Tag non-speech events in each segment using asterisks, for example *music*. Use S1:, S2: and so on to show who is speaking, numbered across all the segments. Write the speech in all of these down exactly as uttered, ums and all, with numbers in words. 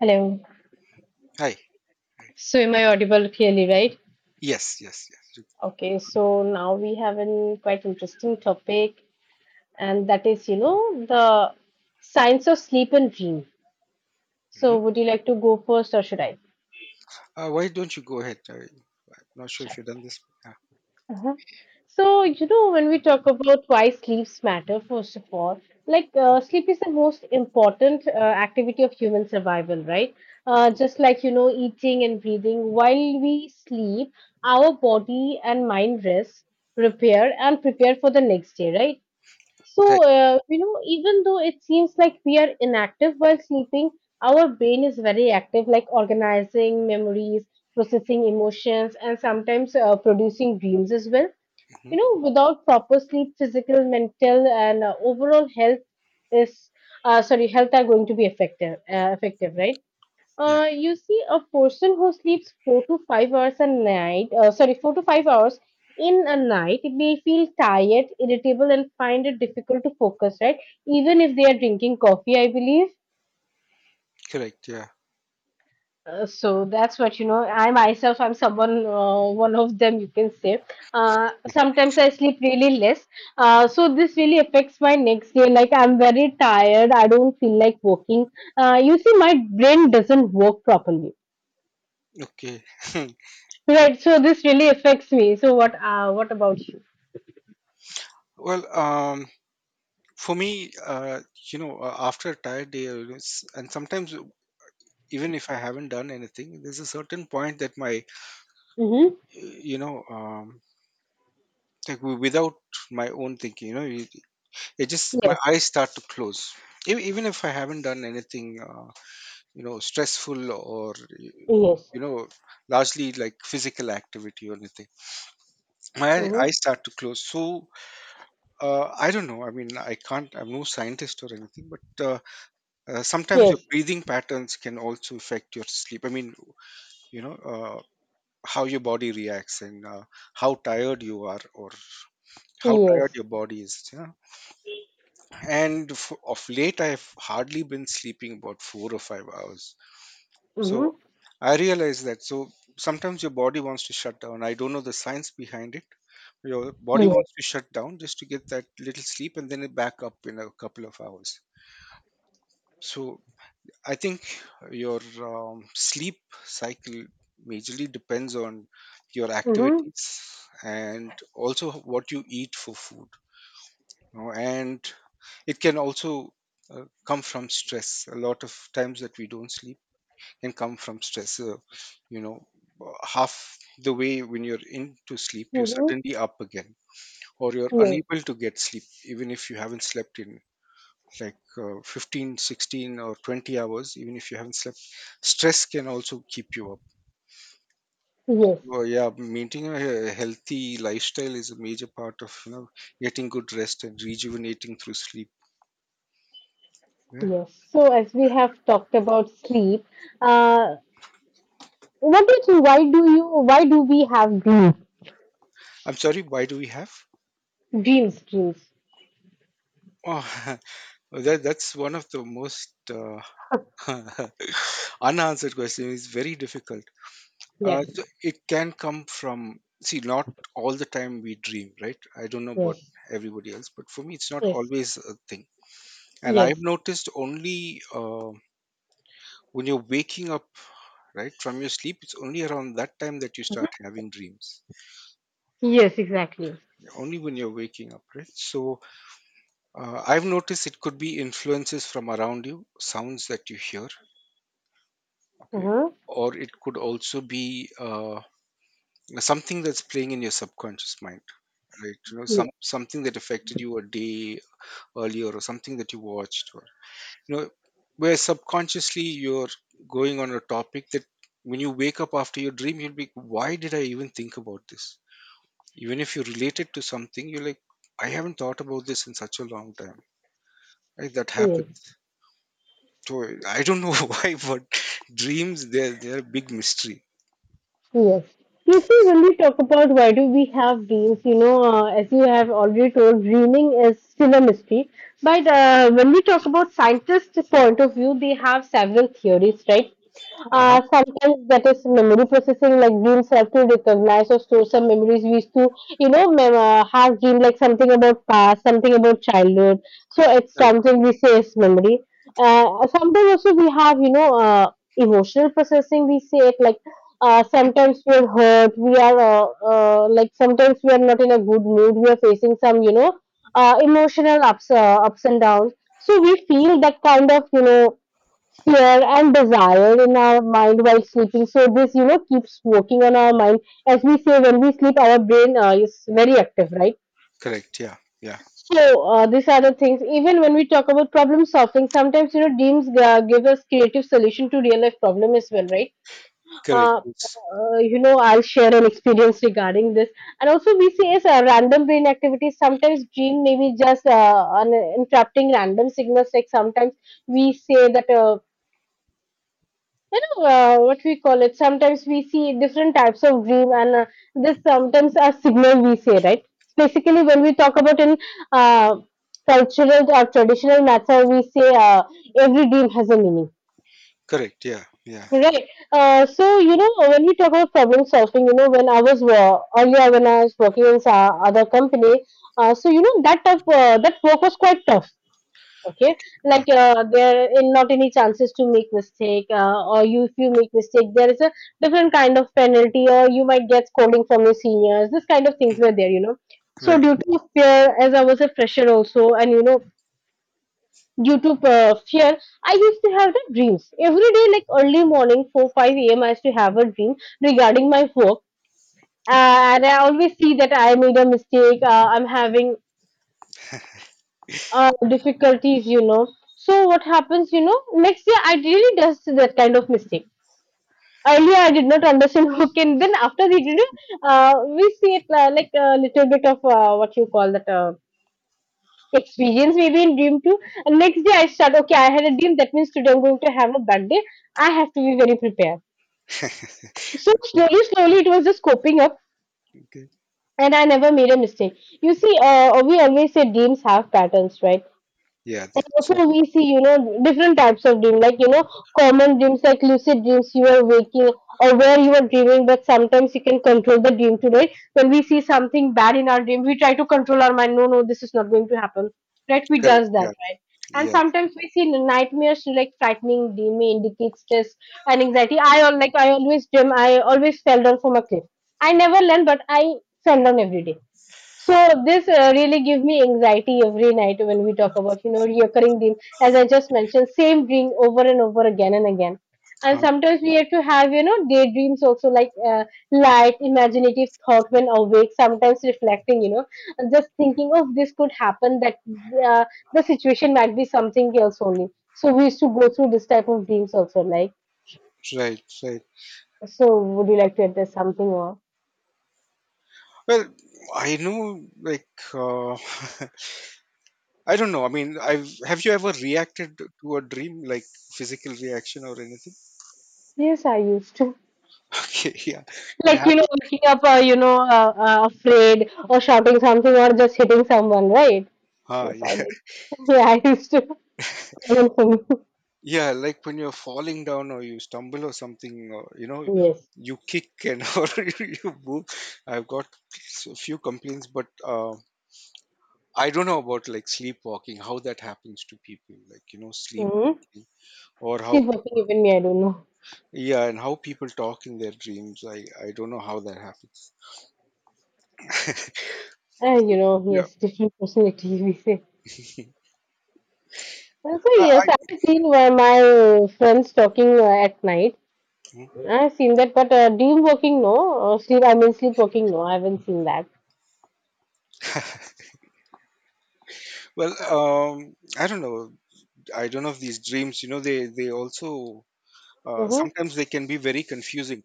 S1: Hello.
S2: Hi.
S1: So, am I audible clearly, right?
S2: Yes, yes, yes.
S1: Okay, so now we have an quite interesting topic, and that is, you know, the science of sleep and dream. So,
S2: Mhm.
S1: would you like to go first, or should I?
S2: Uh, why don't you go ahead? I, am not sure if
S1: Sure.
S2: you've done this. Yeah.
S1: Uh-huh. So, you know, when we talk about why sleeps matter, first of all, like uh, sleep is the most important uh, activity of human survival, right? Uh, just like, you know, eating and breathing, while we sleep, our body and mind rest, repair, and prepare for the next day, right?
S2: Right.
S1: So, uh, you know, even though it seems like we are inactive while sleeping, our brain is very active, like organizing memories, processing emotions, and sometimes uh, producing dreams as well.
S2: Hmm.
S1: You know, without proper sleep, physical, mental and uh, overall health is uh, sorry health are going to be effective uh, effective, right?
S2: Yeah.
S1: Uh, you see, a person who sleeps four to five hours a night, uh, sorry four to five hours in a night, may feel tired, irritable and find it difficult to focus, right? Even if they are drinking coffee, I believe.
S2: Correct. Yeah.
S1: Uh, so that's what, you know, i myself i'm someone, uh, one of them, you can say. Uh, sometimes I sleep really less. Uh, so this really affects my next day. Like I'm very tired, I don't feel like working. Uh, you see, my brain doesn't work properly,
S2: Okay. *laughs* Uh,
S1: right? So this really affects me. So what uh, what about you?
S2: well, um, for me, uh, you know, uh, after a tired day, uh, you And sometimes even if I haven't done anything, there's a certain point that my,
S1: Mm-hmm.
S2: uh, you know, um, like wi- without my own thinking, you know, it, it just my
S1: Yes.
S2: eyes start to close. E- Even if I haven't done anything, uh, you know, stressful, or
S1: Yes.
S2: you know largely like physical activity or anything, my
S1: Mm-hmm.
S2: eyes start to close. So uh, I don't know, I mean, I can't, I'm no scientist or anything, but uh, uh, sometimes your
S1: Yes.
S2: breathing patterns can also affect your sleep. I mean, you know, uh, how your body reacts, and uh, how tired you are, or how tired
S1: Yes.
S2: your body is, yeah? And f- of late, I've hardly been sleeping about four or five hours. So
S1: Mm-hmm.
S2: I realize that. So sometimes your body wants to shut down. I don't know the science behind it. Your body
S1: Yes.
S2: wants to shut down just to get that little sleep, and then it back up in a couple of hours. So I think your um, sleep cycle majorly depends on your
S1: Mm-hmm.
S2: activities, and also what you eat for food. you know, And it can also uh, come from stress. A lot of times that we don't sleep can come from stress. Uh, you know, uh, Half the way when you're into sleep, you're
S1: Mm-hmm.
S2: suddenly up again, or you're
S1: Yes.
S2: unable to get sleep, even if you haven't slept in like uh, fifteen, sixteen, or twenty hours, even if you haven't slept. Stress can also keep you up.
S1: Yes.
S2: Well, yeah, maintaining a he- healthy lifestyle is a major part of, you know, getting good rest and rejuvenating through sleep. Yeah.
S1: Yes. So as we have talked about sleep, uh, what do you think? Why do you? Why do we have dreams?
S2: I'm sorry. Why do we have?
S1: Dreams, dreams.
S2: Oh, *laughs* that that's one of the most uh,
S1: *laughs*
S2: *laughs* unanswered question, is very difficult. Uh,
S1: Yes.
S2: so it can come from, see, not all the time we dream, right? I don't know about
S1: Yes.
S2: everybody else, but for me it's not
S1: Yes.
S2: always a thing. And
S1: Yes.
S2: I've noticed only uh, when you're waking up right from your sleep, it's only around that time that you start having dreams,
S1: Yes. Exactly.
S2: only when you're waking up, right? So uh, I've noticed it could be influences from around you, sounds that you hear,
S1: Uh
S2: okay,
S1: huh.
S2: or it could also be uh, something that's playing in your subconscious mind, right? You know, some something that affected you a day earlier, or something that you watched, or you know, where subconsciously you're going on a topic that when you wake up after your dream, you'll be, why did I even think about this? Even if you relate it to something, you're like, I haven't thought about this in such a long time, right? That
S1: Yes.
S2: happens. So I don't know *laughs* why, but dreams, they're they're a big mystery.
S1: Yes. You see, when we really talk about why do we have dreams, you know, uh, as you have already told, dreaming is still a mystery. But uh, when we talk about scientists' point of view, they have several theories, right?
S2: Uh-huh.
S1: Uh, sometimes that is memory processing, like dreams have to recognize or store some memories. We used to, you know, mem- uh, have dream like something about past, something about childhood. So it's
S2: Correct.
S1: something we say is memory. Uh, sometimes also we have, you know, uh, emotional processing. We say it like, uh, sometimes we're hurt we are uh, uh, like sometimes we are not in a good mood, we are facing some, you know, uh, emotional ups uh, ups and downs. So we feel that kind of, you know, fear and desire in our mind while sleeping, so this, you know, keeps working on our mind. As we say, when we sleep, our brain, uh, is very active, right?
S2: Correct. Yeah. Yeah.
S1: So, uh, these are the things. Even when we talk about problem solving, sometimes you know dreams uh, give us creative solution to real life problem as well, right?
S2: Correct,
S1: Uh,
S2: it's
S1: uh, you know, I'll share an experience regarding this. And also, we see as a random brain activity. Sometimes dream may be just uh, an interrupting random signals. Like sometimes we say that. Uh, you know, uh, what we call it. Sometimes we see different types of dream, and uh, this sometimes a signal we say, right? Basically, when we talk about in uh, cultural or traditional matter, we say, uh, every dream has a meaning.
S2: correct. Yeah. Yeah.
S1: Right. Uh, so, you know, when we talk about problem solving, you know, when I was uh, earlier when I was working in sa- other company, uh, so you know that tough uh, that work was quite tough. Okay,
S2: Okay. uh,
S1: like uh, there in not any chances to make mistake, uh, or you, if you make mistake, there is a different kind of penalty, or you might get scolding from your seniors. This kind of things were there, you know. So
S2: right.
S1: due to fear, as I was a fresher also, and you know, due to uh, fear, I used to have the dreams every day, like early morning four five a.m., I used to have a dream regarding my work, and I always see that I made a mistake, uh, I'm having uh, difficulties, you know. So what happens, you know, next year I really does that kind of mistake. Earlier I did not understand *laughs* work, and then after the interview uh, we see it, uh, like a little bit of, uh, what you call that uh, experience maybe in dream too. And next day I start, okay, I had a dream, that means today I'm going to have a bad day. I have to be very prepared. So
S2: Okay.
S1: slowly, slowly it was just coping up
S2: Okay.
S1: and I never made a mistake. You see, uh, we always say dreams have patterns, right?
S2: Yeah, they
S1: And
S2: sort
S1: also
S2: of.
S1: we see, you know, different types of dream, like, you know, common dreams like lucid dreams, you are waking or where you are dreaming, but sometimes you can control the dream today. When we see something bad in our dream, we try to control our mind. No, no, this is not going to happen. Right? We
S2: Correct.
S1: does that,
S2: Yeah,
S1: right? And
S2: yeah,
S1: sometimes we see nightmares, like frightening dream may indicate stress and anxiety. I al- like I always dream, I always fell down from a cliff. I never learned, but I fell down every day. So this uh, really give me anxiety every night, when we talk about you know recurring dream. As I just mentioned, same dream over and over again and again. And
S2: huh,
S1: sometimes we have to have you know daydreams also, like uh, light imaginative thought when awake. Sometimes reflecting you know and just thinking of this could happen that uh, the situation might be something else only. So we used to go through this type of dreams also, like.
S2: right, right.
S1: So would you like to address something more?
S2: Well, I know, like, uh, *laughs* I don't know. I mean, I've, have you ever reacted to a dream, like physical reaction or anything? *laughs*
S1: Yes, I used to.
S2: Okay, yeah, that
S1: Like, you know,
S2: happened.
S1: waking up, uh, you know, uh, uh, afraid or shouting something or just hitting someone, right?
S2: Ah,
S1: Yes, I
S2: yeah,
S1: did. *laughs* Yeah, I used to. *laughs* Common for me.
S2: yeah, like when you're falling down or you stumble or something, or you know,
S1: Yes.
S2: you kick and *laughs* or you you move. I've got a few complaints, but uh, I don't know about like sleepwalking, how that happens to people, like you know,
S1: Mm-hmm.
S2: sleepwalking or
S1: Still
S2: how.
S1: working, even me, I don't know.
S2: Yeah, and how people talk in their dreams. I, I don't know how that happens.
S1: Uh, you know,
S2: Yeah.
S1: yes, different personalities, *laughs* we say. Uh, So,
S2: I,
S1: yes,
S2: I,
S1: I've seen where my uh, friends talking uh, at night.
S2: *laughs*
S1: I've seen that, but uh, dream working, no. Or sleep, I mean, sleepwalking, no. I haven't seen that.
S2: well, um, I don't know. I don't know if these dreams, you know, they, they also, uh,
S1: Mm-hmm.
S2: sometimes they can be very confusing.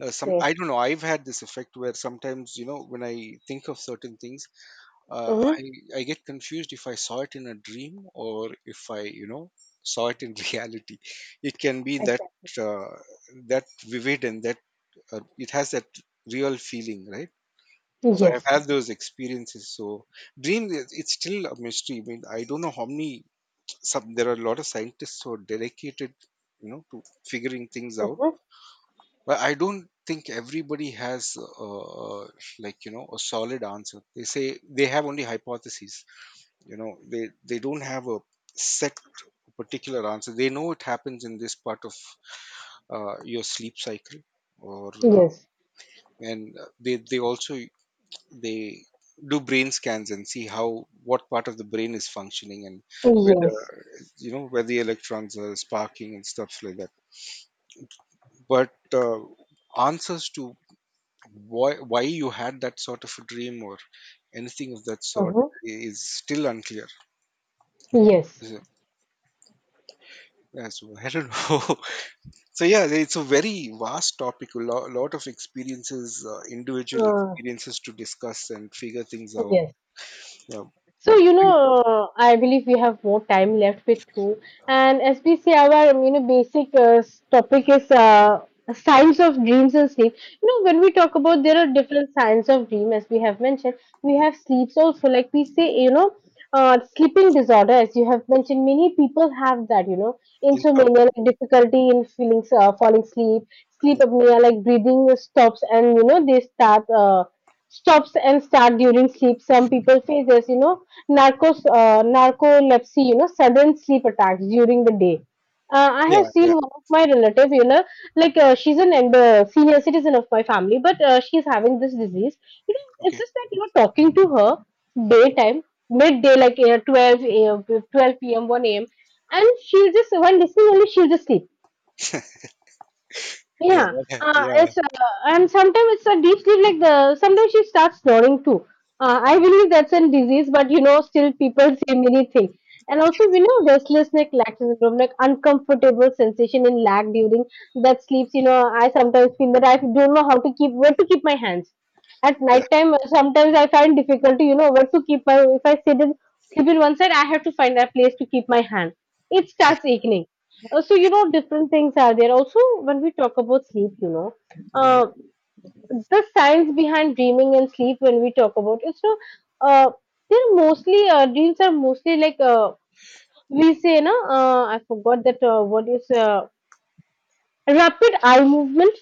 S2: Uh, some, I
S1: Yes.
S2: don't know. I've had this effect where sometimes, you know, when I think of certain things, uh,
S1: Mm-hmm.
S2: I, I get confused if I saw it in a dream, or if I, you know, saw it in *laughs* reality. It can be that,
S1: Exactly.
S2: uh, that vivid, and that, uh, it has that real feeling, right? So I've
S1: Yes.
S2: had those experiences. So dream, is- it's still a mystery. I mean, I don't know how many. Some, there are a lot of scientists who are dedicated, you know, to figuring things out.
S1: Mm-hmm.
S2: But I don't think everybody has, uh, like you know, a solid answer. They say they have only hypotheses. You know, they they don't have a set particular answer. They know it happens in this part of uh, your sleep cycle, or uh,
S1: Yes.
S2: and uh, they they also they do brain scans and see how, what part of the brain is functioning, and whether,
S1: Yes.
S2: you know, where the electrons are sparking and stuff like that. But uh, answers to, why why you had that sort of a dream, or anything of that sort,
S1: Mhm.
S2: is still unclear.
S1: Yes.
S2: So, yeah, so *laughs* I don't know. *laughs* So yeah, it's a very vast topic, a lo- lot of experiences, uh, individual
S1: Uh,
S2: experiences, to discuss and figure things out.
S1: yes.
S2: Yeah,
S1: So,
S2: but
S1: you
S2: great.
S1: know, uh, I believe we have more time left with two. And as we say, our, um, you know, basic uh, s- topic is, uh, signs of dreams and sleep. You know, when we talk about there are different signs of dream, as we have mentioned, we have sleeps also. Like we say, you know, uh, sleeping disorder, as you have mentioned, many people have that, you know,
S2: In
S1: insomnia, like
S2: some-.
S1: difficulty in feeling, uh, falling asleep,
S2: Yeah,
S1: sleep apnea, like breathing stops and, you know, they start, uh, stops and start during sleep. Some people face this, you know, narcos, uh, narcolepsy, you know, sudden sleep attacks during the day. Uh, I have
S2: yeah,
S1: seen
S2: yeah,
S1: one of my relative, you know, like uh, she's an elder, senior citizen of my family, but uh, she's having this disease. You know, it's
S2: okay.
S1: just that you know, talking to her daytime, midday, like uh, twelve a m, twelve p m, one a m, and she'll just, while listening only, she'll just sleep.
S2: Yeah,
S1: Yeah,
S2: that,
S1: uh,
S2: yeah,
S1: it's uh, and sometimes it's a deep sleep. Like the sometimes she starts snoring too. Uh, I believe that's a disease, but you know, still people say many things. And also, we know restlessness, like lack syndrome, like uncomfortable sensation in lag during that sleeps. You know, I sometimes feel that I don't know how to keep where to keep my hands at
S2: yeah.
S1: night time. uh, Sometimes I find difficulty, you know, where to keep my. If I sit in sleep in one side, I have to find a place to keep my hand. It starts aching. Uh, so you know different things are there also. When we talk about sleep, you know,
S2: Mhm.
S1: uh, the science behind dreaming and sleep, when we talk about it's no, uh, they're mostly, uh, dreams are mostly like, uh, we say no, uh, I forgot that, uh, what is uh, rapid eye movement,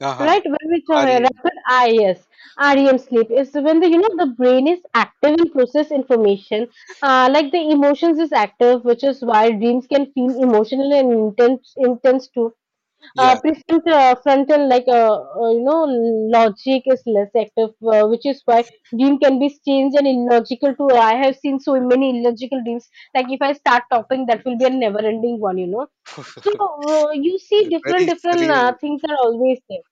S2: Uh-huh.
S1: right? When we talk uh,
S2: R E M.
S1: rapid eye, yes, R E M sleep is when the you know the brain is active and process information. Uh, like the emotions is active, which is why dreams can feel emotional and intense intense too. Uh,
S2: Yeah,
S1: prefrontal uh, Frontal like, uh, uh, you know, logic is less active, uh, which is why dream can be strange and illogical too. I have seen so many illogical dreams, like if I start talking that will be a never ending one, you know. So, uh, you see
S2: yeah.
S1: different
S2: Very
S1: different
S2: surreal.
S1: uh, things are always there.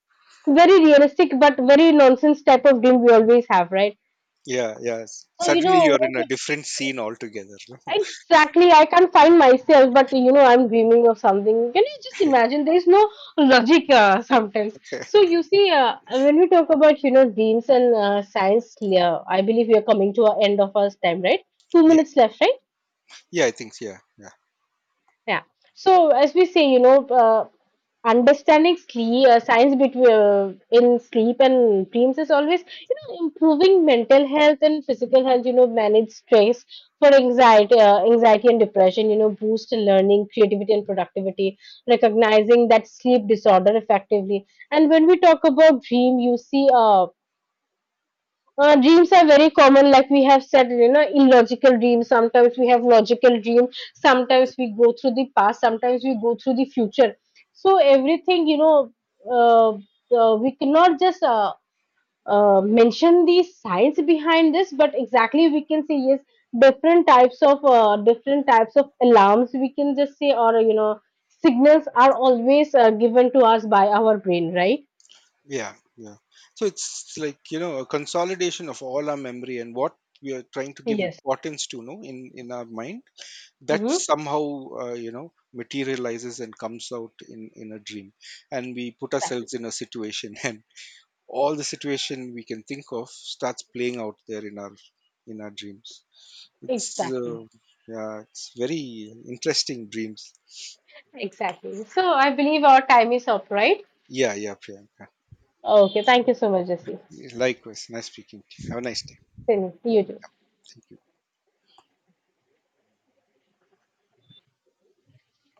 S1: Very realistic but very nonsense type of dream we always have, right?
S2: Yeah, yes.
S1: so you
S2: Suddenly
S1: know
S2: you're in a
S1: when
S2: different scene altogether, no?
S1: Exactly, I can't find myself, but you know, I'm dreaming of something. Can you just imagine? There is no logic, uh, sometimes. So
S2: *laughs*
S1: you see, uh, when we talk about you know dreams and, uh, science, uh, I believe we are coming to our end of our time, right? Two
S2: Yeah,
S1: minutes left, right?
S2: yeah. I think yeah, yeah,
S1: Yeah. So as we say, you know, uh, understanding sleep, uh, science between uh, in sleep and dreams is always, you know, improving mental health and physical health. You know, manage stress for anxiety, uh, anxiety and depression. You know, boost learning, creativity and productivity. Recognizing that sleep disorder effectively. And when we talk about dream, you see, uh, uh, dreams are very common, like we have said, you know, illogical dreams, sometimes we have logical dream, sometimes we go through the past, sometimes we go through the future. So everything, you know, uh, uh, we cannot just, uh, uh, mention the science behind this, but exactly we can say yes, different types of, uh, different types of alarms we can just say, or you know, signals are always uh, given to us by our brain, right?
S2: yeah, yeah. So it's like, you know, a consolidation of all our memory and what we are trying to give
S1: Yes.
S2: importance to, no, in in our mind. That
S1: Mm-hmm.
S2: somehow uh, you know materializes and comes out in in a dream, and we put
S1: Exactly.
S2: ourselves in a situation *laughs* and all the situation we can think of starts playing out there in our in our dreams. It's
S1: Exactly.
S2: uh, Yeah, it's very interesting, dreams.
S1: Exactly. So I believe our time is up, right?
S2: Yeah, yeah, Priyanka.
S1: Okay. Thank you so much, Jesse.
S2: Likewise, nice speaking. To you. Have a nice day.
S1: Same, you too.
S2: Thank you.